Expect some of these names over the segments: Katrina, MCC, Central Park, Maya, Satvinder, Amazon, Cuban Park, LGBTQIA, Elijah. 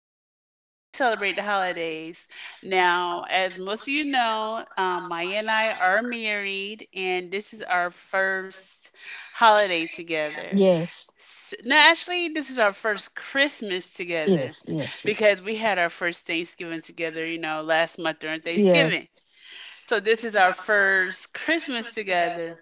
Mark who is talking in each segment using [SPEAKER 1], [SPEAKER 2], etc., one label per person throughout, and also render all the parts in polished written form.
[SPEAKER 1] ways that we celebrate the holidays. Now, as most of you know, Maya and I are married, and this is our first holiday together.
[SPEAKER 2] Yes.
[SPEAKER 1] No, actually, this is our first Christmas together
[SPEAKER 2] Yes. Yes.
[SPEAKER 1] because we had our first Thanksgiving together, you know, last month during
[SPEAKER 2] Yes.
[SPEAKER 1] Thanksgiving.
[SPEAKER 2] Yes.
[SPEAKER 1] So this is our first Christmas together.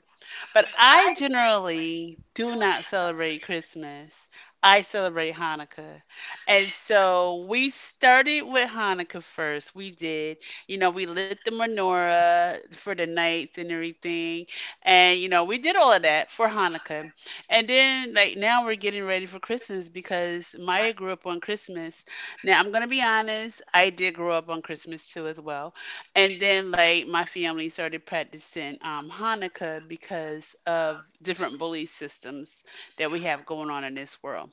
[SPEAKER 1] But I generally do not celebrate Christmas. I celebrate Hanukkah. And so we started with Hanukkah first. We did. You know, we lit the menorah for the nights and everything. And, you know, we did all of that for Hanukkah. And then, like, now we're getting ready for Christmas because Maya grew up on Christmas. Now, I'm going to be honest, I did grow up on Christmas too, as well, and then like my family started practicing Hanukkah because of different belief systems that we have going on in this world.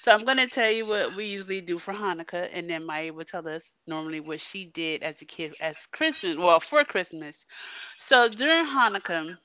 [SPEAKER 1] So I'm gonna tell you what we usually do for Hanukkah, and then Maya will tell us normally what she did as a kid as Christmas, well, for Christmas. So during Hanukkah,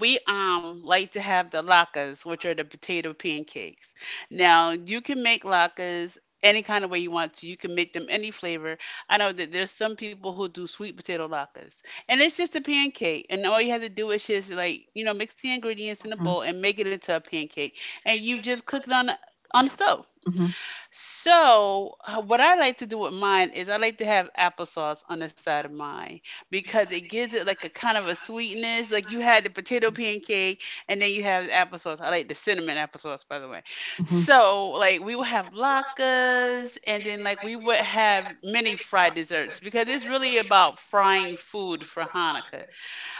[SPEAKER 1] we like to have the latkes, which are the potato pancakes. Now, you can make latkes any kind of way you want to. You can make them any flavor. I know that there's some people who do sweet potato latkes, and it's just a pancake. And all you have to do is just like, you know, mix the ingredients in a bowl and make it into a pancake, and you just cook it on on the stove.
[SPEAKER 2] Mhm,
[SPEAKER 1] So, what I like to do with mine is I like to have applesauce on the side of mine because it gives it like a kind of a sweetness. Like you had the potato pancake and then you have the applesauce. I like the cinnamon applesauce, by the way.
[SPEAKER 2] mhm,
[SPEAKER 1] So, like we will have latkes and then like we would have many fried desserts because it's really about frying food for Hanukkah.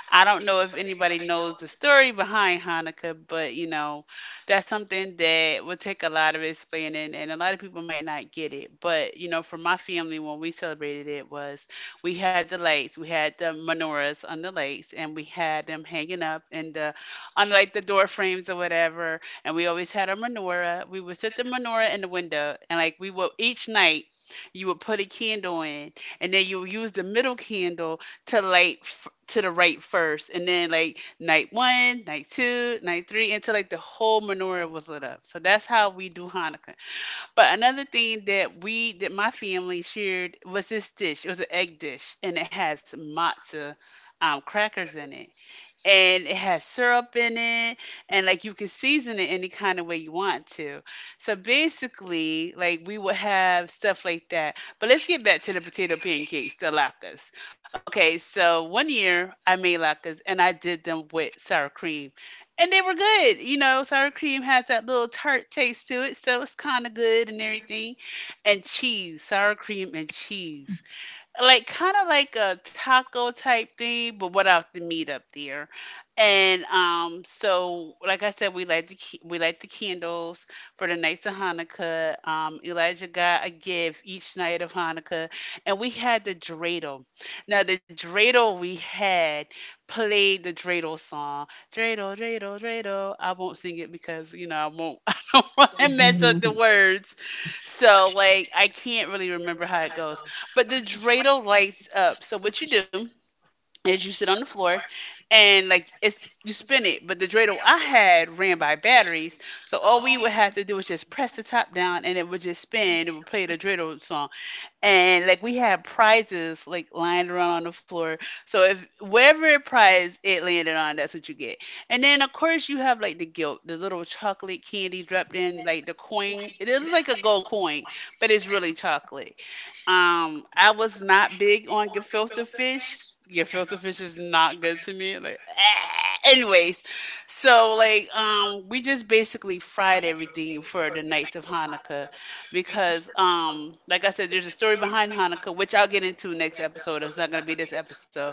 [SPEAKER 1] I don't know if anybody knows the story behind Hanukkah, but you know, that's something that would take a lot of explaining, and a lot of people might not get it. But you know, for my family, when we celebrated it, was we had the lights, we had the menorahs on the lights, and we had them hanging up in the on like the door frames or whatever. And we always had a menorah. We would set the menorah in the window, and like we would each night. You would put a candle in, and then you would use the middle candle to like to the right first, and then like night one, night two, night three, until like the whole menorah was lit up. So that's how we do Hanukkah. But another thing that we that my family shared was this dish. It was an egg dish, and it has matzah crackers in it, and it has syrup in it, and like you can season it any kind of way you want to. So basically like we would have stuff like that, but let's get back to the potato pancakes, the latkes. Okay, so one year I made latkes and I did them with sour cream, and they were good. You know, sour cream has that little tart taste to it, so it's kind of good and everything. And cheese, sour cream and cheese, like kind of like a taco type thing, but without the meat up there. And so like I said, we light the we light the candles for the nights of Hanukkah. Elijah got a gift each night of Hanukkah, and we had the dreidel. Now the dreidel we had played the dreidel song, dreidel, dreidel, dreidel. I won't sing it because you know I won't. I don't want to mess up the
[SPEAKER 2] mhm,
[SPEAKER 1] words. So like I can't really remember how it goes. But the dreidel lights up. So what you do is you sit on the floor and like it's you spin it. But the dreidel I had ran by batteries. So all we would have to do was just press the top down and it would just spin. It would play the dreidel song. And like we had prizes like lying around on the floor. So if whatever prize it landed on, that's what you get. And then of course you have like the guilt, the little chocolate candy dropped in, like the coin. It is like a gold coin, but it's really chocolate. I was not big on gefilte fish. Gefilte fish is not good to me. Like, anyways, so like, we just basically fried everything for the nights of Hanukkah because, like I said, there's a story behind Hanukkah, which I'll get into next episode. It's not gonna be this episode,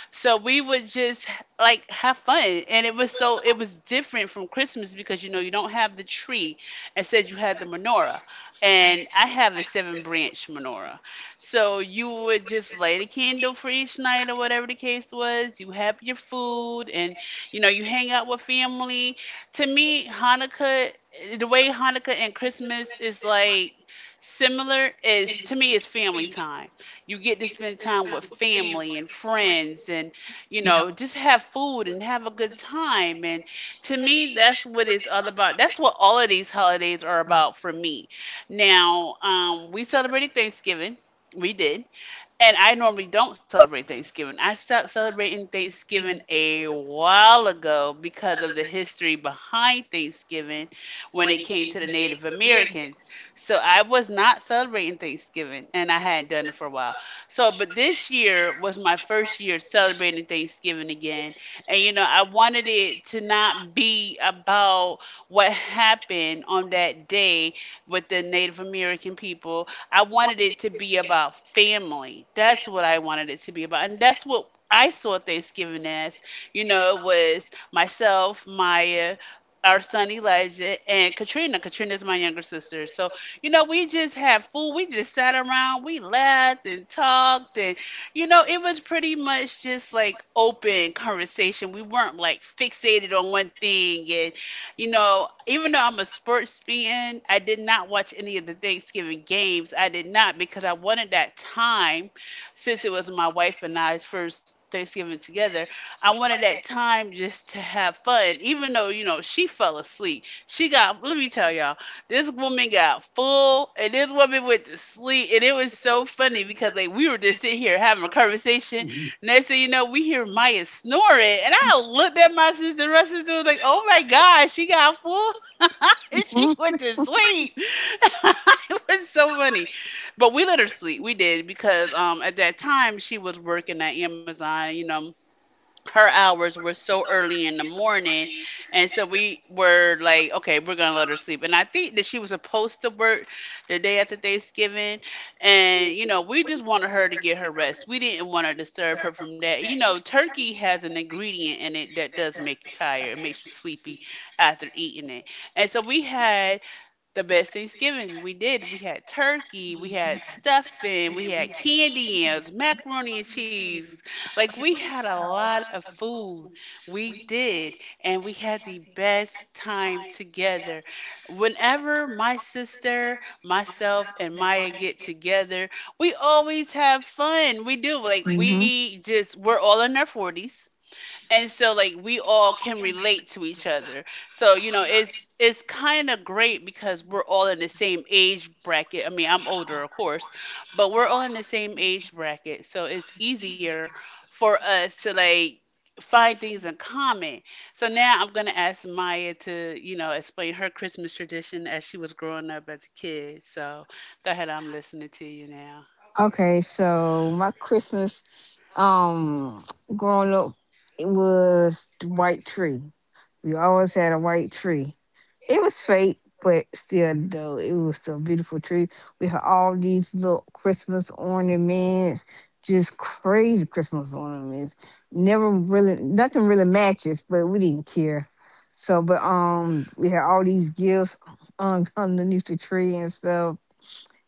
[SPEAKER 1] so we would just like have fun. And it was so it was different from Christmas because you know you don't have the tree. Instead you had the menorah. And I have a seven branch menorah. So you would just light a candle for each night or whatever the case was. You have your food, and you know you hang out with family. To me, Hanukkah, the way Hanukkah and Christmas is like similar, is to me it's family time. You get to spend time with family and friends, and you know, just have food and have a good time. And to me, that's what it's all about. That's what all of these holidays are about for me. Now, we celebrated Thanksgiving. We did. And I normally don't celebrate Thanksgiving. I stopped celebrating Thanksgiving a while ago because of the history behind Thanksgiving when it came to the Native Americans. So I was not celebrating Thanksgiving and I hadn't done it for a while. So, but this year was my first year celebrating Thanksgiving again. And, you know, I wanted it to not be about what happened on that day with the Native American people. I wanted it to be about family. That's what I wanted it to be about. And that's what I saw Thanksgiving as. You know, it was myself, Maya, our son Elijah, and Katrina. Katrina's my younger sister. So, you know, we just had food. We just sat around. We laughed and talked. And, you know, it was pretty much just like open conversation. We weren't like fixated on one thing. And you know, even though I'm a sports fan, I did not watch any of the Thanksgiving games. I did not, because I wanted that time, since it was my wife and I's first Thanksgiving together, I wanted that time just to have fun. Even though, you know, she fell asleep. She got, let me tell y'all, this woman got full and this woman went to sleep. And it was so funny because, like, we were just sitting here having a conversation. Next thing you know, we hear Maya snoring. And I looked at my sister was like, oh my God, she got full. And she went
[SPEAKER 2] mhm,
[SPEAKER 1] to sleep. It was so funny. But we let her sleep. We did, because at that time she was working at Amazon, you know, her hours were so early in the morning. And so we were like, okay, we're gonna let her sleep. And I think that she was supposed to work the day after Thanksgiving, and you know, we just wanted her to get her rest. We didn't want to disturb her from that. You know, turkey has an ingredient in it that does make you tired. It makes you sleepy after eating it. And so we had the best Thanksgiving. We did. We had turkey, we had stuffing, we had candy yams, macaroni and cheese. Like we had a lot of food. We did, and we had the best time together. Whenever my sister, myself, and Maya get together, we always have fun. We do. Like
[SPEAKER 2] mhm, mhm.
[SPEAKER 1] we just we're all in our 40s. And so like we all can relate to each other. So you know, it's kind of great, because we're all in the same age bracket. I mean, I'm older, of course, but we're all in the same age bracket, so it's easier for us to like find things in common. So now I'm going to ask Maya to, you know, explain her Christmas tradition as she was growing up as a kid. So go ahead, I'm listening to you now.
[SPEAKER 2] Okay, so my Christmas um growing up, it was the white tree. We always had a white tree. It was fake, but still though it was still a beautiful tree. We had all these little Christmas ornaments, just crazy Christmas ornaments. Never really nothing really matches, but we didn't care. So but we had all these gifts underneath the tree and stuff.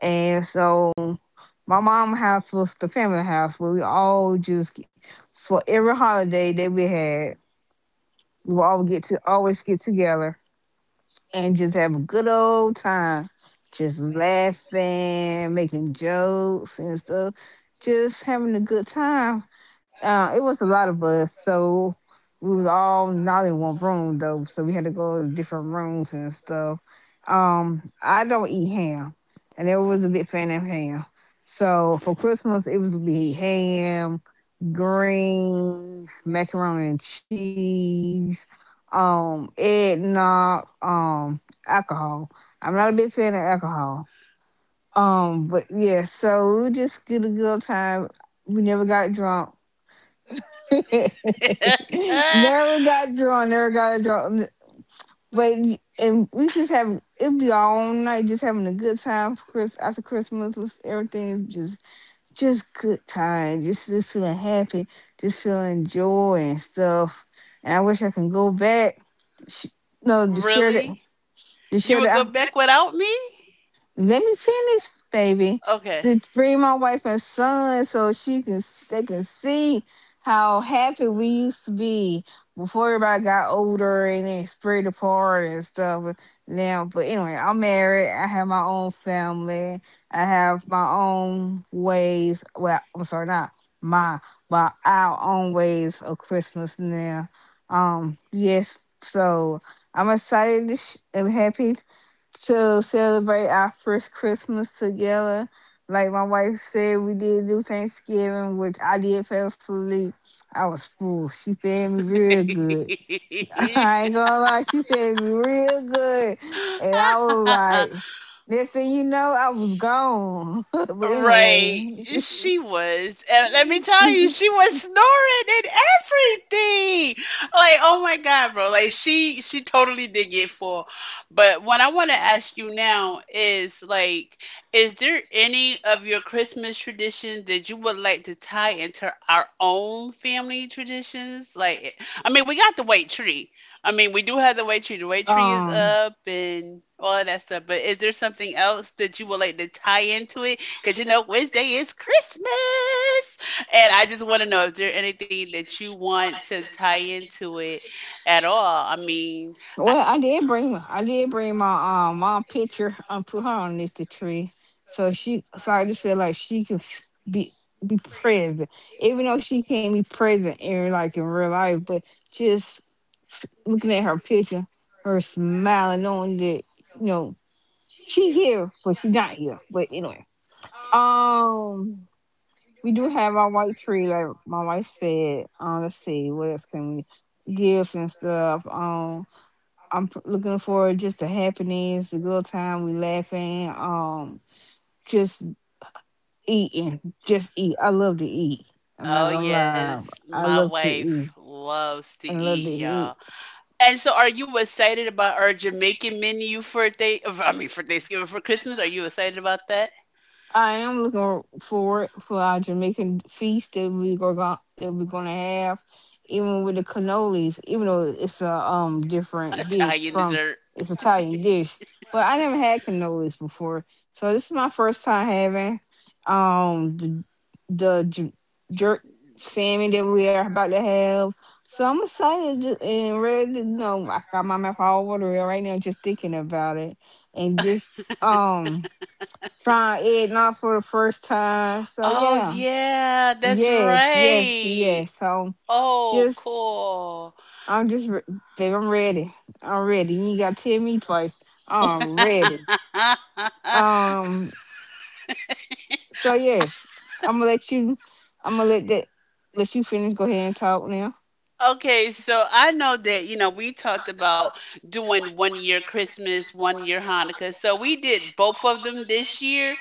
[SPEAKER 2] And so my mom house was the family house where we all just, for every holiday that we had, we would all get to always get together and just have a good old time, just laughing, making jokes and stuff, just having a good time. It was a lot of us, so we was all not in one room though, so we had to go to different rooms and stuff. I don't eat ham, and I was a big fan of ham. So for Christmas, it was be ham, greens, macaroni and cheese, eggnog, alcohol. I'm not a big fan of alcohol. But yeah, so we just get a good time. We never got drunk. Never got drunk, never got drunk. But and we just have, it'd be all night just having a good time for Chris after Christmas. Everything is just good time, just feeling happy, just feeling joy and stuff. And I wish I can go back, sh- no, to share that,
[SPEAKER 1] Really?
[SPEAKER 2] to
[SPEAKER 1] You
[SPEAKER 2] share
[SPEAKER 1] would go
[SPEAKER 2] that.
[SPEAKER 1] back without me?
[SPEAKER 2] Let me finish, baby.
[SPEAKER 1] Okay.
[SPEAKER 2] To bring my wife and son so she can they can see how happy we used to be before everybody got older and then spread apart and stuff now. But anyway, I'm married. I have my own family. I have my own ways. Well, I'm sorry, not my, but our own ways of Christmas now. Yes, so I'm excited and happy to celebrate our first Christmas together. Like my wife said, we did do Thanksgiving, which I did fell asleep. I was full. She fed me real good. I ain't gonna lie, she fed me real good. And I was like, next thing you know, I was gone. But
[SPEAKER 1] Right.
[SPEAKER 2] anyway.
[SPEAKER 1] She was. And let me tell you, she was snoring and everything. Like, oh my God, bro. Like she totally did get full. But what I want to ask you now is like, is there any of your Christmas traditions that you would like to tie into our own family traditions? I mean, we got the white tree. I mean, we do have the white tree. The white tree is
[SPEAKER 2] um,
[SPEAKER 1] up and all of that stuff. But is there something else that you would like to tie into it? Because you know Wednesday is Christmas. And I just want to know if there anything that you want to tie into it at all. I mean, I,
[SPEAKER 2] Well, I did bring my my picture and put her underneath the tree, so she so I just feel like she can be present, even though she can't be present in, like, in real life, but just looking at her picture, her smiling, knowing that you know she here, but she not here. But anyway, um, we do have our white tree, like my wife said. Let's see what else can we, gifts and stuff. I'm looking for just a happiness, a good time. We laughing, just eating, just eat. I love to eat. I'm not, oh,
[SPEAKER 1] oh
[SPEAKER 2] gonna, yeah, lie,
[SPEAKER 1] yes,
[SPEAKER 2] I
[SPEAKER 1] my
[SPEAKER 2] love to eat.
[SPEAKER 1] wife loves
[SPEAKER 2] I
[SPEAKER 1] to
[SPEAKER 2] love to
[SPEAKER 1] eat,
[SPEAKER 2] eat.
[SPEAKER 1] y'all. And so, are you excited about our Jamaican menu for day? I mean, for Thanksgiving for Christmas? Are you excited about that?
[SPEAKER 2] I am looking forward for our Jamaican feast that that we're gonna have, even with the cannolis, even though it's a different dish
[SPEAKER 1] Italian
[SPEAKER 2] from
[SPEAKER 1] dessert.
[SPEAKER 2] it's Italian dish. But I never had cannolis before, so this is my first time having um the the jerk salmon that we are about to have. So I'm excited and ready to know. I got my mouth all watery right now just thinking about it, and just um trying Ed not for the first time. So
[SPEAKER 1] Oh,
[SPEAKER 2] yeah,
[SPEAKER 1] yeah, that's
[SPEAKER 2] yes, yes,
[SPEAKER 1] right.
[SPEAKER 2] yes. So
[SPEAKER 1] Oh,
[SPEAKER 2] just
[SPEAKER 1] cool.
[SPEAKER 2] I'm just re- babe, I'm ready. I'm ready. You ain't gotta tell me twice. I'm ready. Um. So yes, I'm gonna let you. I'm gonna let you finish. Go ahead and talk now.
[SPEAKER 1] Okay, so I know that, you know, we talked about doing one year Christmas, one year Hanukkah. So we did both of them this year.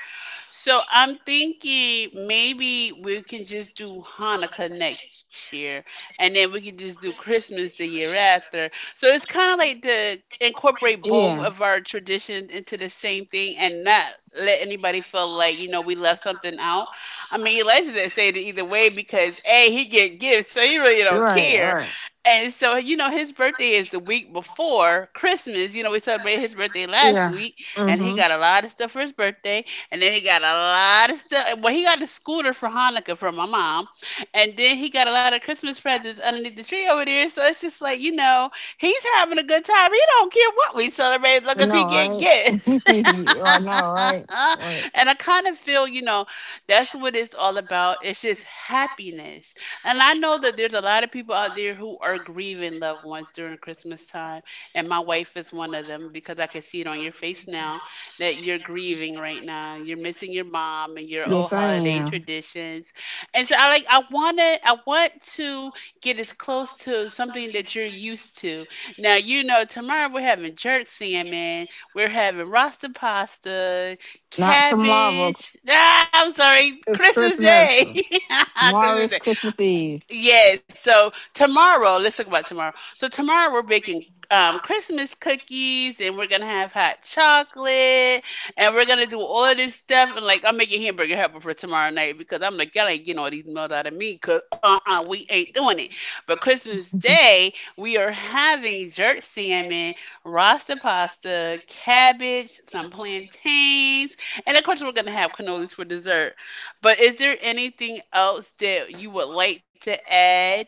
[SPEAKER 1] So I'm thinking maybe we can just do Hanukkah next year and then we can just do Christmas the year after. So it's kind of like to incorporate both of
[SPEAKER 2] Yeah.
[SPEAKER 1] our traditions into the same thing and not let anybody feel like, you know, we left something out. I mean, Elijah didn't say it either way because a he get gifts, so he really
[SPEAKER 2] All
[SPEAKER 1] don't
[SPEAKER 2] right. All
[SPEAKER 1] care.
[SPEAKER 2] right.
[SPEAKER 1] And so you know, his birthday is the week before Christmas. You know, we celebrated his birthday last
[SPEAKER 2] Yeah.
[SPEAKER 1] week, and he
[SPEAKER 2] Mm-hmm.
[SPEAKER 1] got a lot of stuff for his birthday, and then he got a lot of stuff. Well, he got a scooter for Hanukkah from my mom, and then he got a lot of Christmas presents underneath the tree over there. So it's just like you know, he's having a good time. He don't care what we celebrate as long
[SPEAKER 2] I
[SPEAKER 1] as
[SPEAKER 2] know,
[SPEAKER 1] he get
[SPEAKER 2] right?
[SPEAKER 1] gifts.
[SPEAKER 2] I know, right? Right.
[SPEAKER 1] And I kind of feel, you know, that's what it's all about. It's just happiness. And I know that there's a lot of people out there who are grieving loved ones during Christmas time. And my wife is one of them because I can see it on your face now that you're grieving right now. You're missing your mom and your
[SPEAKER 2] Yes,
[SPEAKER 1] old
[SPEAKER 2] I
[SPEAKER 1] holiday
[SPEAKER 2] am.
[SPEAKER 1] traditions. And so I like I wanna I want to get as close to something that you're used to. Now you know tomorrow we're having jerk salmon, we're having rasta pasta,
[SPEAKER 2] Not tomorrow.
[SPEAKER 1] cabbage. Ah, I'm sorry,
[SPEAKER 2] It's
[SPEAKER 1] Christmas
[SPEAKER 2] Christmas.
[SPEAKER 1] Day.
[SPEAKER 2] Tomorrow is
[SPEAKER 1] Christmas.
[SPEAKER 2] Christmas Eve.
[SPEAKER 1] Yes. So tomorrow, let's talk about tomorrow. So tomorrow we're baking Christmas cookies, and we're gonna have hot chocolate, and we're gonna do all of this stuff. And like, I'm making hamburger helper for tomorrow night because I'm like, y'all ain't getting all these meals out of me, cause uh-uh, we ain't doing it. But Christmas Day, we are having jerk salmon, rasta pasta, cabbage, some plantains, and of course we're gonna have cannolis for dessert. But is there anything else that you would like to add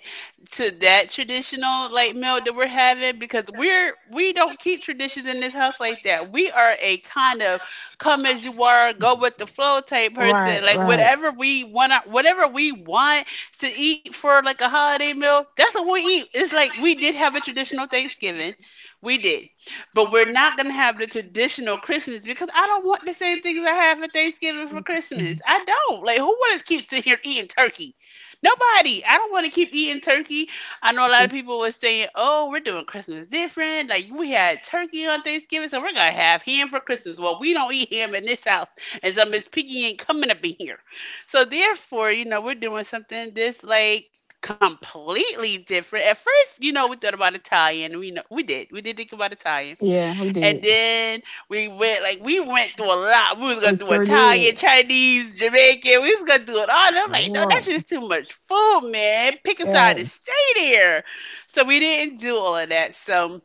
[SPEAKER 1] to that traditional like meal that we're having? Because we don't keep traditions in this house like that. We are a kind of come as you are, go with the flow type
[SPEAKER 2] Right,
[SPEAKER 1] person. Like
[SPEAKER 2] right.
[SPEAKER 1] whatever we want to eat for like a holiday meal, that's what we eat. It's like we did have a traditional Thanksgiving. We did. But we're not going to have the traditional Christmas because I don't want the same things I have for Thanksgiving for Christmas. I don't. Like, who wants to keep sitting here eating turkey? Nobody. I don't want to keep eating turkey. I know a lot of people were saying, oh, we're doing Christmas different. Like, we had turkey on Thanksgiving, so we're going to have ham for Christmas. Well, we don't eat ham in this house, and so Miss Piggy ain't coming up in here. So, therefore, you know, we're doing something this, like, completely different. At first, you know, we thought about Italian. We know we did. We did think about Italian.
[SPEAKER 2] Yeah, we did.
[SPEAKER 1] And then we went like we went through a lot. We was
[SPEAKER 2] We
[SPEAKER 1] gonna do
[SPEAKER 2] sure did.
[SPEAKER 1] Italian, Chinese, Jamaican. We was gonna do it all. And I'm like, no, that
[SPEAKER 2] Right.
[SPEAKER 1] shit is too much food, man. Pick a side and
[SPEAKER 2] Yes.
[SPEAKER 1] stay there. So we didn't do all of that. So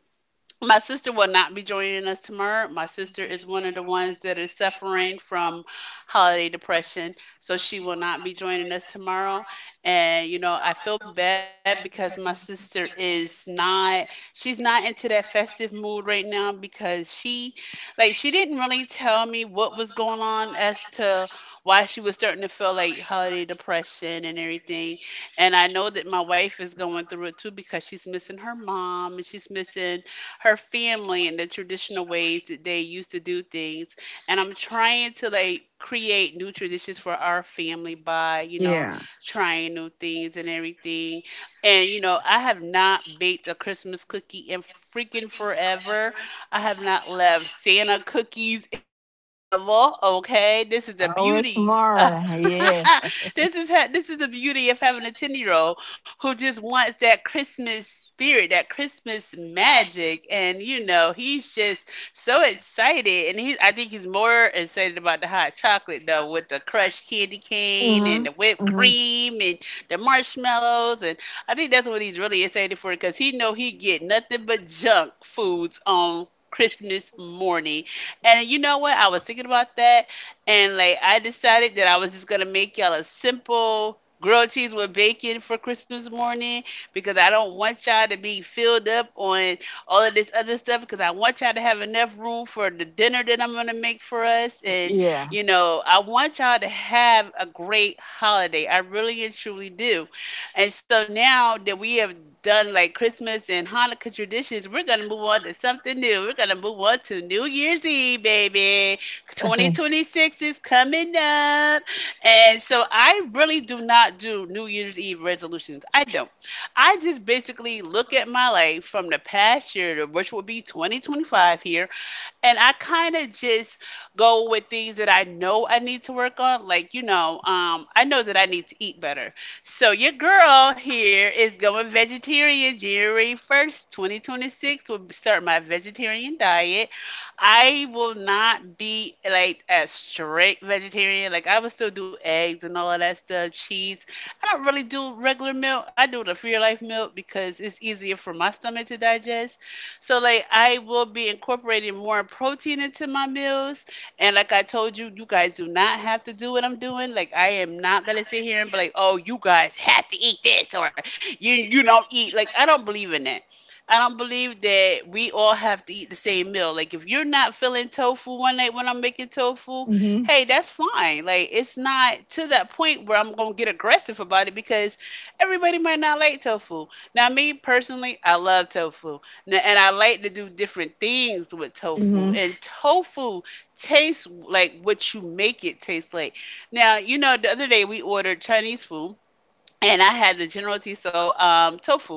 [SPEAKER 1] my sister will not be joining us tomorrow. My sister is one of the ones that is suffering from holiday depression, so she will not be joining us tomorrow. And you know, I feel bad because my sister is not she's not into that festive mood right now because she didn't really tell me what was going on as to why she was starting to feel like holiday depression and everything. And I know that my wife is going through it too because she's missing her mom and she's missing her family and the traditional ways that they used to do things. And I'm trying to like create new traditions for our family by, you know,
[SPEAKER 2] Yeah.
[SPEAKER 1] trying new things and everything. And, you know, I have not baked a Christmas cookie in freaking forever. I have not left Santa cookies in forever. Okay. This is the
[SPEAKER 2] Oh, it's
[SPEAKER 1] beauty.
[SPEAKER 2] tomorrow. Yeah.
[SPEAKER 1] This is the beauty of having a 10-year-old who just wants that Christmas spirit, that Christmas magic. And you know, he's just so excited. And he I think he's more excited about the hot chocolate though, with the crushed candy cane
[SPEAKER 2] Hmm.
[SPEAKER 1] and the whipped
[SPEAKER 2] Hmm.
[SPEAKER 1] cream and the marshmallows. And I think that's what he's really excited for because he know he get nothing but junk foods on Christmas morning. And you know what? I was thinking about that and like I decided that I was just gonna make y'all a simple grilled cheese with bacon for Christmas morning because I don't want y'all to be filled up on all of this other stuff because I want y'all to have enough room for the dinner that I'm going to make for us. And,
[SPEAKER 2] Yeah.
[SPEAKER 1] you know, I want y'all to have a great holiday. I really and truly do. And so now that we have done like Christmas and Hanukkah traditions, we're going to move on to something new. We're going to move on to New Year's Eve, baby. 2026 is coming up. And so I really do not do New Year's Eve resolutions. I don't. I just basically look at my life from the past year, which would be 2025 here, and I kind of just go with things that I know I need to work on. Like, you know, I know that I need to eat better. So your girl here is going vegetarian January 1st, 2026 will start my vegetarian diet. I will not be like a strict vegetarian. Like I would still do eggs and all of that stuff, cheese. I don't really do regular milk. I do the Free Life milk because it's easier for my stomach to digest. So like I will be incorporating more protein into my meals. And like I told you, you guys do not have to do what I'm doing. Like I am not gonna sit here and be like, oh, you guys have to eat this or you don't eat. Like I don't believe in that. I don't believe that we all have to eat the same meal. Like if you're not feeling tofu one night when I'm making tofu,
[SPEAKER 2] Hmm.
[SPEAKER 1] hey, that's fine. Like it's not to that point where I'm gonna get aggressive about it because everybody might not like tofu. Now me personally, I love tofu. Now, and I like to do different things with tofu.
[SPEAKER 2] Hmm.
[SPEAKER 1] And tofu tastes like what you make it taste like. Now, you know, the other day we ordered Chinese food and I had the General Tso tofu,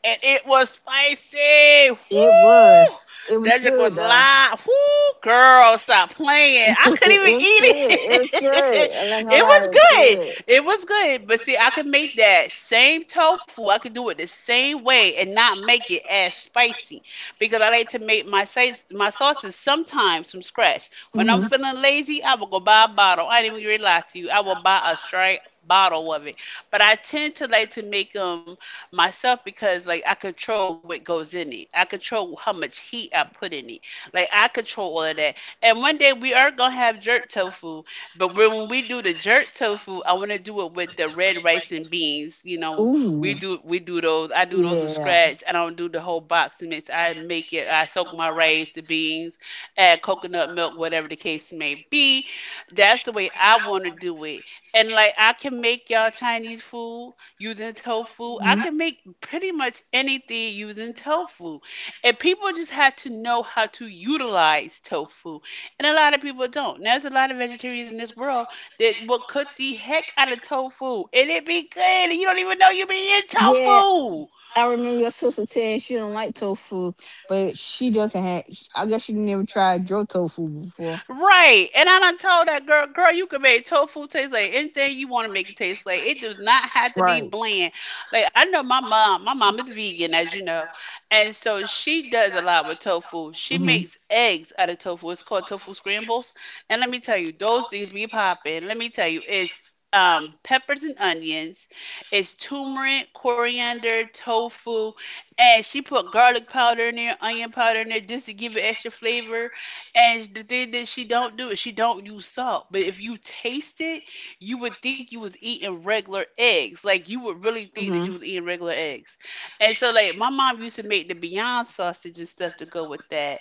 [SPEAKER 1] and it was spicy.
[SPEAKER 2] It was.
[SPEAKER 1] Woo!
[SPEAKER 2] It was
[SPEAKER 1] Dedrick was
[SPEAKER 2] good though.
[SPEAKER 1] live. Woo! Girl, stop playing. I
[SPEAKER 2] It
[SPEAKER 1] couldn't even
[SPEAKER 2] was good. It
[SPEAKER 1] eat
[SPEAKER 2] was
[SPEAKER 1] it.
[SPEAKER 2] good. I'm
[SPEAKER 1] It
[SPEAKER 2] not gonna
[SPEAKER 1] was
[SPEAKER 2] lie. It was good.
[SPEAKER 1] good. It was good. But see, I could make that same tofu. I could do it the same way and not make it as spicy because I like to make my sauce. My sauces sometimes from scratch. When I'm
[SPEAKER 2] Hmm.
[SPEAKER 1] feeling lazy, I will go buy a bottle. I didn't even really lie to you. I will buy a straight bottle of it, but I tend to like to make them myself because like I control what goes in it. I control how much heat I put in it. Like I control all of that. And one day we are gonna have jerk tofu, but when we do the jerk tofu, I want to do it with the red rice and beans. You know,
[SPEAKER 2] Ooh.
[SPEAKER 1] we do those. I do those from
[SPEAKER 2] Yeah.
[SPEAKER 1] scratch. I don't do the whole box mix. I make it. I soak my rice, the beans, add coconut milk, whatever the case may be. That's the way I want to do it, and like I can make y'all Chinese food using tofu. I
[SPEAKER 2] Mhm.
[SPEAKER 1] can make pretty much anything using tofu. And people just had to know how to utilize tofu. And a lot of people don't. There's a lot of vegetarians in this world that will cook the heck out of tofu. And it be good. And you don't even know you be in
[SPEAKER 2] Yeah,
[SPEAKER 1] tofu.
[SPEAKER 2] I remember your sister saying she don't like tofu, but she doesn't have. I guess she never tried your tofu before.
[SPEAKER 1] Right. And I done told that girl, girl, you can make tofu taste like anything you want to make it taste like. It does not have to be
[SPEAKER 2] Right.
[SPEAKER 1] bland. Like I know my mom is vegan, as you know. And so she does a lot with tofu. She
[SPEAKER 2] Mhm.
[SPEAKER 1] makes eggs out of tofu. It's called tofu scrambles. And let me tell you, those things be popping. Let me tell you, it's peppers and onions, it's turmeric, coriander, tofu, and she put garlic powder in there, onion powder in there just to give it extra flavor, and the thing that she don't do is she don't use salt. But if you taste it, you would think you was eating regular eggs. Like you would really think that
[SPEAKER 2] Mhm.
[SPEAKER 1] you was eating regular eggs. And so like my mom used to make the Beyond sausage and stuff to go with that.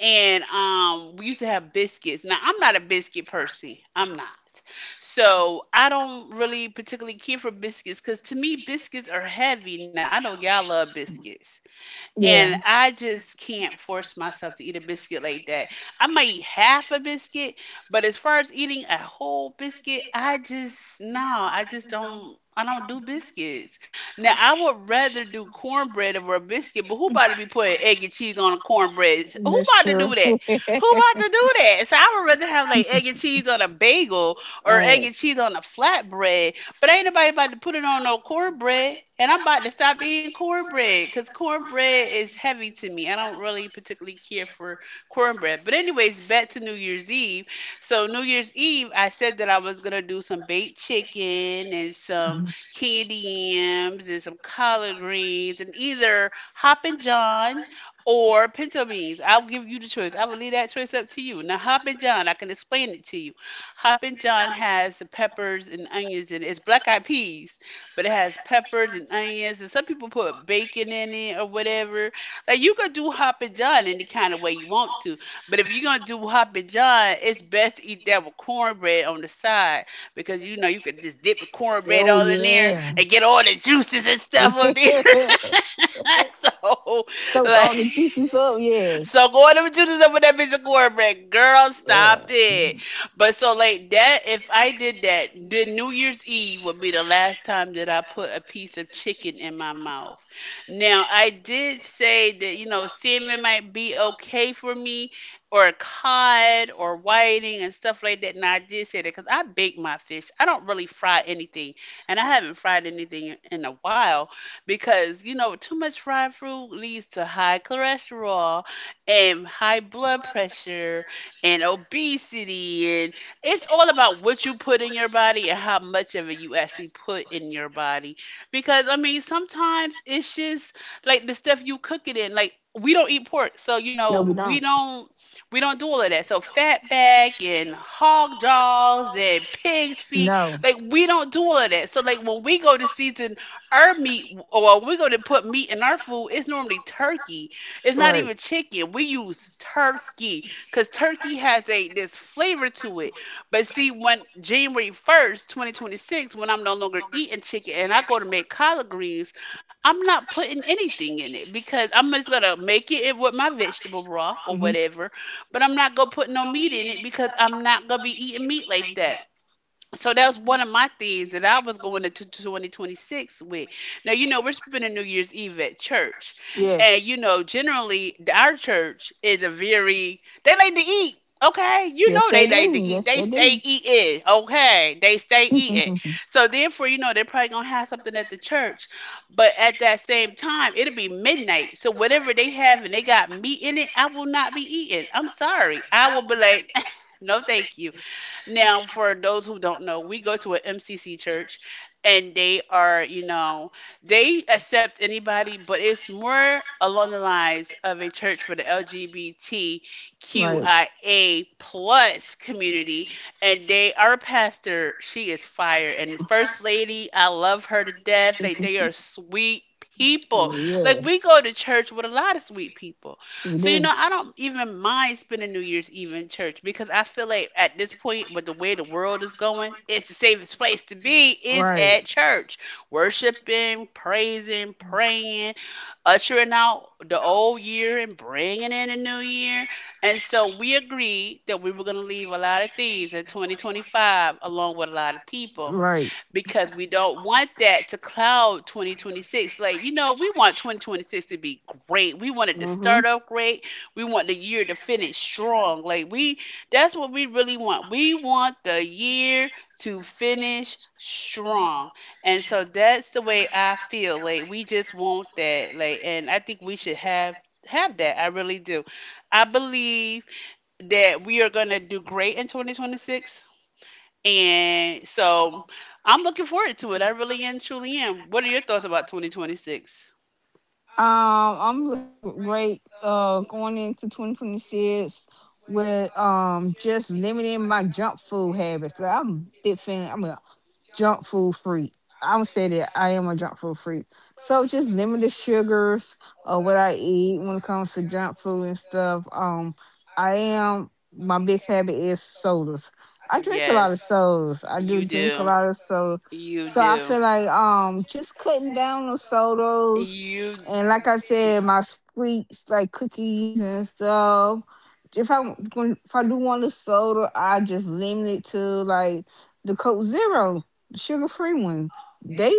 [SPEAKER 1] And we used to have biscuits. Now I'm not a biscuit person. I'm not. So I don't really particularly care for biscuits because to me biscuits are heavy. Now I know y'all love biscuits.
[SPEAKER 2] Yeah,
[SPEAKER 1] And I just can't force myself to eat a biscuit like that. I might eat half a biscuit, but as far as eating a whole biscuit, I just no, I just don't I don't do biscuits. Now I would rather do cornbread over a biscuit, but who about to be putting egg and cheese on a cornbread? Who
[SPEAKER 2] that's
[SPEAKER 1] about to do
[SPEAKER 2] true.
[SPEAKER 1] that? Who about to do that? So I would rather have like egg and cheese on a bagel or
[SPEAKER 2] All
[SPEAKER 1] egg
[SPEAKER 2] right.
[SPEAKER 1] and cheese on a flatbread, but ain't nobody about to put it on no cornbread. And I'm about to stop eating cornbread because cornbread is heavy to me. I don't really particularly care for cornbread. But, anyways, back to New Year's Eve. So, New Year's Eve, I said that I was going to do some baked chicken and some candy yams and some collard greens and either Hoppin' John or pinto beans. I'll give you the choice. I will leave that choice up to you. Now, Hoppin' John, I can explain it to you. Hoppin' John has the peppers and onions in it. It's black eyed peas, but it has peppers and onions, and some people put bacon in it or whatever. Like you could do Hoppin' John any kind of way you want to, but if you're gonna do Hoppin' John, it's best to eat that with cornbread on the side because you know you could just dip the cornbread
[SPEAKER 2] Oh
[SPEAKER 1] all in there
[SPEAKER 2] yeah.
[SPEAKER 1] and get all the juices and stuff up there. So
[SPEAKER 2] Soak
[SPEAKER 1] like,
[SPEAKER 2] all the juices up, yes.
[SPEAKER 1] so going to and choosing someone that bitch a cornbread. Girl, stop
[SPEAKER 2] Yeah.
[SPEAKER 1] it. But so like that, if I did that, the New Year's Eve would be the last time that I put a piece of chicken in my mouth. Now I did say that, you know, salmon might be okay for me or cod or whiting and stuff like that. Now I did say that because I bake my fish. I don't really fry anything. And I haven't fried anything in a while because, you know, too much fried food leads to high cholesterol and high blood pressure and obesity, and it's all about what you put in your body and how much of it you actually put in your body because I mean sometimes it's just like the stuff you cook it in. Like we don't eat pork, so you
[SPEAKER 2] No,
[SPEAKER 1] know
[SPEAKER 2] we
[SPEAKER 1] we
[SPEAKER 2] don't.
[SPEAKER 1] don't, we don't do all of that, so fat back and hog jaws and pig's feet,
[SPEAKER 2] No.
[SPEAKER 1] like we don't do all of that. So like when we go to season our meat or when we go to put meat in our food, it's normally turkey. It's not
[SPEAKER 2] Right.
[SPEAKER 1] even chicken. We use turkey because turkey has a this flavor to it. But see, when January 1st, 2026, when I'm no longer eating chicken and I go to make collard greens, I'm not putting anything in it because I'm just gonna make it with my vegetable broth or
[SPEAKER 2] Hmm.
[SPEAKER 1] whatever. But I'm not gonna put no meat in it because I'm not gonna be eating meat like that. So that was one of my things that I was going into 2026 with. Now, you know, we're spending New Year's Eve at church. And,
[SPEAKER 2] Yes.
[SPEAKER 1] you know, generally, our church is a very, they like to eat. Okay, you
[SPEAKER 2] Yes
[SPEAKER 1] know they
[SPEAKER 2] they
[SPEAKER 1] like to
[SPEAKER 2] do.
[SPEAKER 1] eat.
[SPEAKER 2] Yes
[SPEAKER 1] They
[SPEAKER 2] they
[SPEAKER 1] stay
[SPEAKER 2] do.
[SPEAKER 1] eating. Okay, they stay eating. So therefore, you know they're probably gonna have something at the church, but at that same time, it'll be midnight. So whatever they have and they got meat in it, I will not be eating. I'm sorry. I will be like, no, thank you. Now, for those who don't know, we go to an MCC church and they are, you know, they accept anybody, but it's more along the lines of a church for the LGBTQIA
[SPEAKER 2] Right.
[SPEAKER 1] plus community. And they, our pastor, she is fire. And First Lady, I love her to death. Like, they are sweet people. Like, we go to church with a lot of sweet people.
[SPEAKER 2] Yeah. We
[SPEAKER 1] So, you
[SPEAKER 2] do.
[SPEAKER 1] know, I don't even mind spending New Year's Eve in church because I feel like at this point, with the way the world is going, it's the safest place to be is
[SPEAKER 2] Right.
[SPEAKER 1] at church. Worshiping, praising, praying, ushering out the old year and bringing in a new year. And so we agreed that we were going to leave a lot of things in 2025 along with a lot of people
[SPEAKER 2] Right.
[SPEAKER 1] because we don't want that to cloud 2026. Like, you know, we want 2026 to be great. We want it to
[SPEAKER 2] Mm-hmm.
[SPEAKER 1] start off great. We want the year to finish strong. Like, we, that's what we really want. We want the year to finish strong. And so that's the way I feel. Like, we just want that. Like, and I think we should have that. I really do. I believe that we are going to do great in 2026, and so I'm looking forward to it. I really and truly am. What are your thoughts about 2026?
[SPEAKER 2] Um, I'm looking great. Going into 2026 with just limiting my junk food habits. Like, I'm a big fan. I'm a junk food freak. I would say that I am a junk food freak. So just limit the sugars of what I eat when it comes to junk food and stuff. I am my big habit is sodas. I drink a lot of
[SPEAKER 1] Yes,
[SPEAKER 2] sodas. I do
[SPEAKER 1] you
[SPEAKER 2] drink a
[SPEAKER 1] do.
[SPEAKER 2] lot of soda.
[SPEAKER 1] You
[SPEAKER 2] So I feel
[SPEAKER 1] do.
[SPEAKER 2] like just cutting down on sodas,
[SPEAKER 1] You.
[SPEAKER 2] and like I said, my sweets like cookies and stuff. If I do want a soda, I just limit it to like the Coke Zero sugar free one. They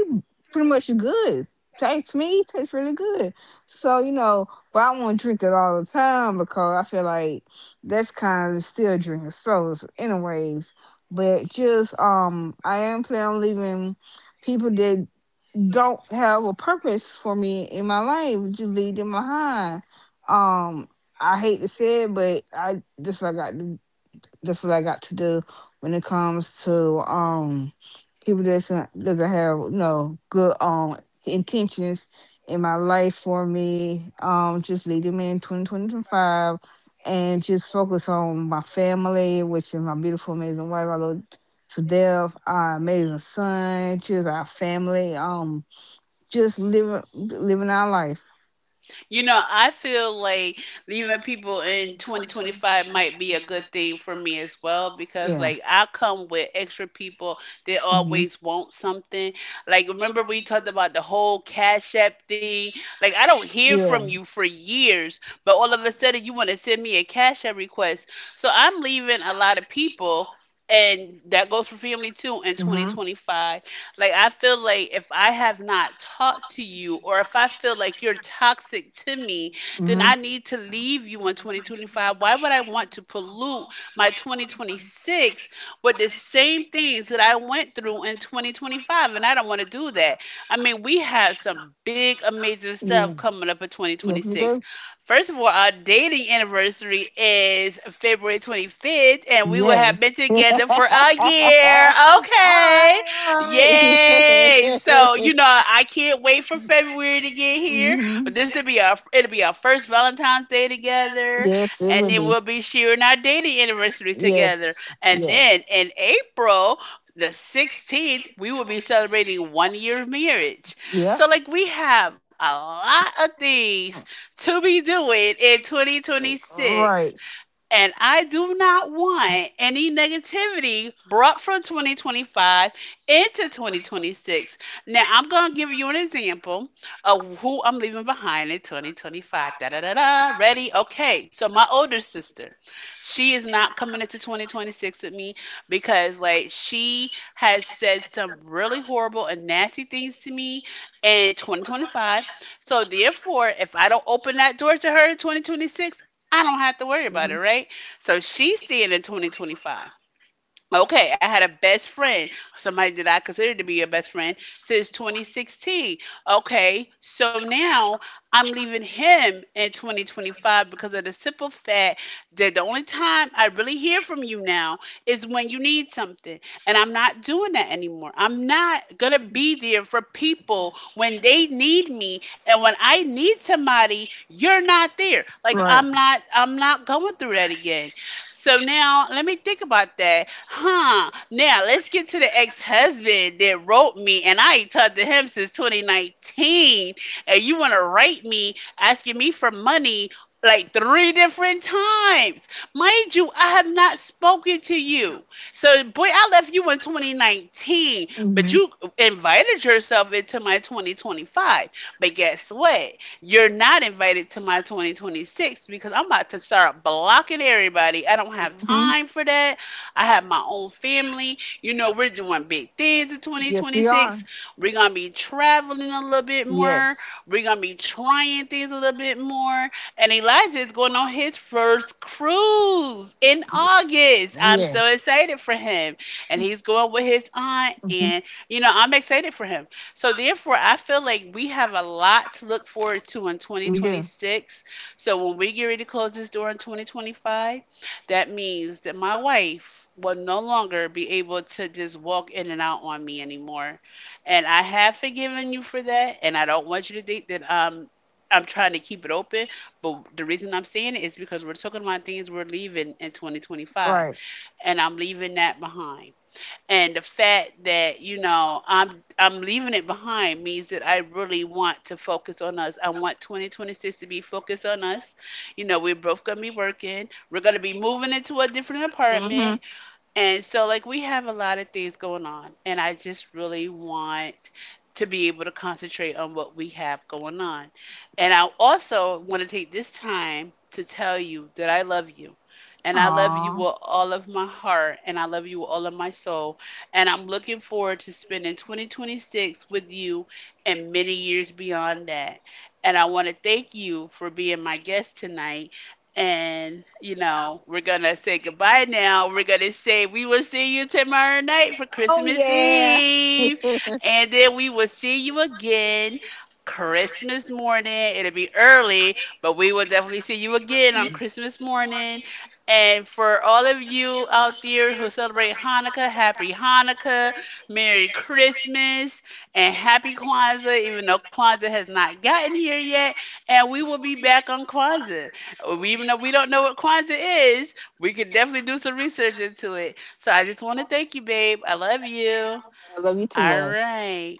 [SPEAKER 2] pretty much good. Tastes really good. So, but I won't drink it all the time because I feel like that's kind of still drinking sodas anyways. But just I am planning on leaving people that don't have a purpose for me in my life, just leave them behind. Um I hate to say it, but I just forgot. That's what I got to do when it comes to people that doesn't have good intentions in my life for me. Just lead them in 2025, and just focus on my family, which is my beautiful, amazing wife. I love to death. Our amazing son, just our family. Just living our life.
[SPEAKER 1] You know, I feel like
[SPEAKER 2] And
[SPEAKER 1] leaving
[SPEAKER 2] that people
[SPEAKER 1] people in
[SPEAKER 2] in twenty twenty
[SPEAKER 1] 2025
[SPEAKER 2] five
[SPEAKER 1] might be
[SPEAKER 2] be
[SPEAKER 1] a
[SPEAKER 2] a good
[SPEAKER 1] good thing
[SPEAKER 2] thing
[SPEAKER 1] for
[SPEAKER 2] for
[SPEAKER 1] me
[SPEAKER 2] me
[SPEAKER 1] as
[SPEAKER 2] as
[SPEAKER 1] well because,
[SPEAKER 2] well.
[SPEAKER 1] like, I come with extra people that
[SPEAKER 2] Mhm.
[SPEAKER 1] always want something. Like, remember we talked about the whole Cash App thing? Like, I don't hear
[SPEAKER 2] Yeah.
[SPEAKER 1] from you for years, but all of a sudden you want to send me a Cash App request. So I'm leaving a lot of people, and that goes for family too in
[SPEAKER 2] Mm-hmm.
[SPEAKER 1] 2025. Like, I feel like if I have not talked to you or if I feel like you're toxic to me, then
[SPEAKER 2] Mm-hmm.
[SPEAKER 1] I need to leave you in 2025. Why would I want to pollute my 2026 with the same things that I went through in 2025? And I don't want to do that. I mean, we have some big, amazing
[SPEAKER 2] Yeah.
[SPEAKER 1] stuff coming up in
[SPEAKER 2] Yes, you do.
[SPEAKER 1] 2026. First of all, our dating anniversary is February 25th, and we will have been
[SPEAKER 2] Yes. All
[SPEAKER 1] together for a year.
[SPEAKER 2] right, all
[SPEAKER 1] Okay.
[SPEAKER 2] right.
[SPEAKER 1] Yay! So you know, I can't wait for February to get here.
[SPEAKER 2] Hmm.
[SPEAKER 1] But this will be our it'll be our first Valentine's Day together,
[SPEAKER 2] Yes, it
[SPEAKER 1] and
[SPEAKER 2] would
[SPEAKER 1] then
[SPEAKER 2] be.
[SPEAKER 1] we'll be sharing our dating anniversary together.
[SPEAKER 2] Yes.
[SPEAKER 1] And
[SPEAKER 2] Yeah.
[SPEAKER 1] then in April the 16th, we will be celebrating one year of marriage.
[SPEAKER 2] Yep.
[SPEAKER 1] So like we have a lot of things to be doing in 2026.
[SPEAKER 2] Right,
[SPEAKER 1] And I do not want any negativity brought from 2025 into 2026. Now, I'm going to give you an example of who I'm leaving behind in 2025. Da da da da. Ready? Okay. So, my older sister, she is not coming into 2026 with me because, like, she has said some really horrible and nasty things to me in 2025. So, therefore, if I don't open that door to her in 2026, I don't have to worry about it, right? So she's seeing in 2025. Okay, I had a best friend, somebody that I considered to be a best friend since 2016. Okay, so now I'm leaving him in 2025 because of the simple fact that the only time I really hear from you now is when you need something. And I'm not doing that anymore. I'm not going to be there for people when they need me, and when I need somebody, you're not there. Like
[SPEAKER 2] right.
[SPEAKER 1] I'm not going through that again. So now let me think about that. Huh. Now let's get to the ex-husband that wrote me, and I ain't talked to him since 2019. And you want to write me asking me for money like three different times. Mind you, I have not spoken to you. So boy, I left you in 2019, but
[SPEAKER 2] Hmm.
[SPEAKER 1] you invited yourself into my 2025. But guess what? You're not invited to my 2026 because I'm about to start blocking everybody. I don't have
[SPEAKER 2] Hmm.
[SPEAKER 1] time for that. I have my own family. You know, we're doing big things in
[SPEAKER 2] Yes, we are.
[SPEAKER 1] 2026. We're going to be traveling a little bit more.
[SPEAKER 2] Yes.
[SPEAKER 1] We're going to be trying things a little bit more. And Elijah is going on his first cruise in August. I'm so
[SPEAKER 2] Yes.
[SPEAKER 1] excited for him. And he's going with his aunt.
[SPEAKER 2] Hmm.
[SPEAKER 1] And, you know, I'm excited for him. So, therefore, I feel like we have a lot to look forward to in
[SPEAKER 2] We do.
[SPEAKER 1] 2026. So, when we get ready to close this door in 2025, that means that my wife will no longer be able to just walk in and out on me anymore. And I have forgiven you for that. And I don't want you to think that I'm trying to keep it open. But the reason I'm saying it is because we're talking about things we're leaving in 2025.
[SPEAKER 2] Right.
[SPEAKER 1] And I'm leaving that behind, and the fact that, you know, I'm leaving it behind means that I really want to focus on us. I want 2026 to be focused on us. You know, we're both going to be working. We're going to be moving into a different
[SPEAKER 2] Mm-hmm.
[SPEAKER 1] apartment, and so, like, we have a lot of things going on, and I just really want to be able to concentrate on what we have going on. And I also want to take this time to tell you that I love you. And I love you
[SPEAKER 2] Aww.
[SPEAKER 1] with all of my heart, and I love you with all of my soul. And I'm looking forward to spending 2026 with you and many years beyond that. And I want to thank you for being my guest tonight. And, you know, we're going to say goodbye now. We're going to say we will see you tomorrow night for
[SPEAKER 2] Oh
[SPEAKER 1] Christmas
[SPEAKER 2] yeah.
[SPEAKER 1] Eve.
[SPEAKER 2] I
[SPEAKER 1] And then we will see you again Christmas morning. It'll be early, but we will definitely see you again on Christmas morning. And for all of you out there who celebrate Hanukkah, happy Hanukkah, Merry Christmas, and happy Kwanzaa, even though Kwanzaa has not gotten here yet. And we will be back on Kwanzaa. We, even though we don't know what Kwanzaa is, we could definitely do some research into it. So I just want to thank you, babe. I love you.
[SPEAKER 2] love you too,
[SPEAKER 1] All
[SPEAKER 2] love.
[SPEAKER 1] right.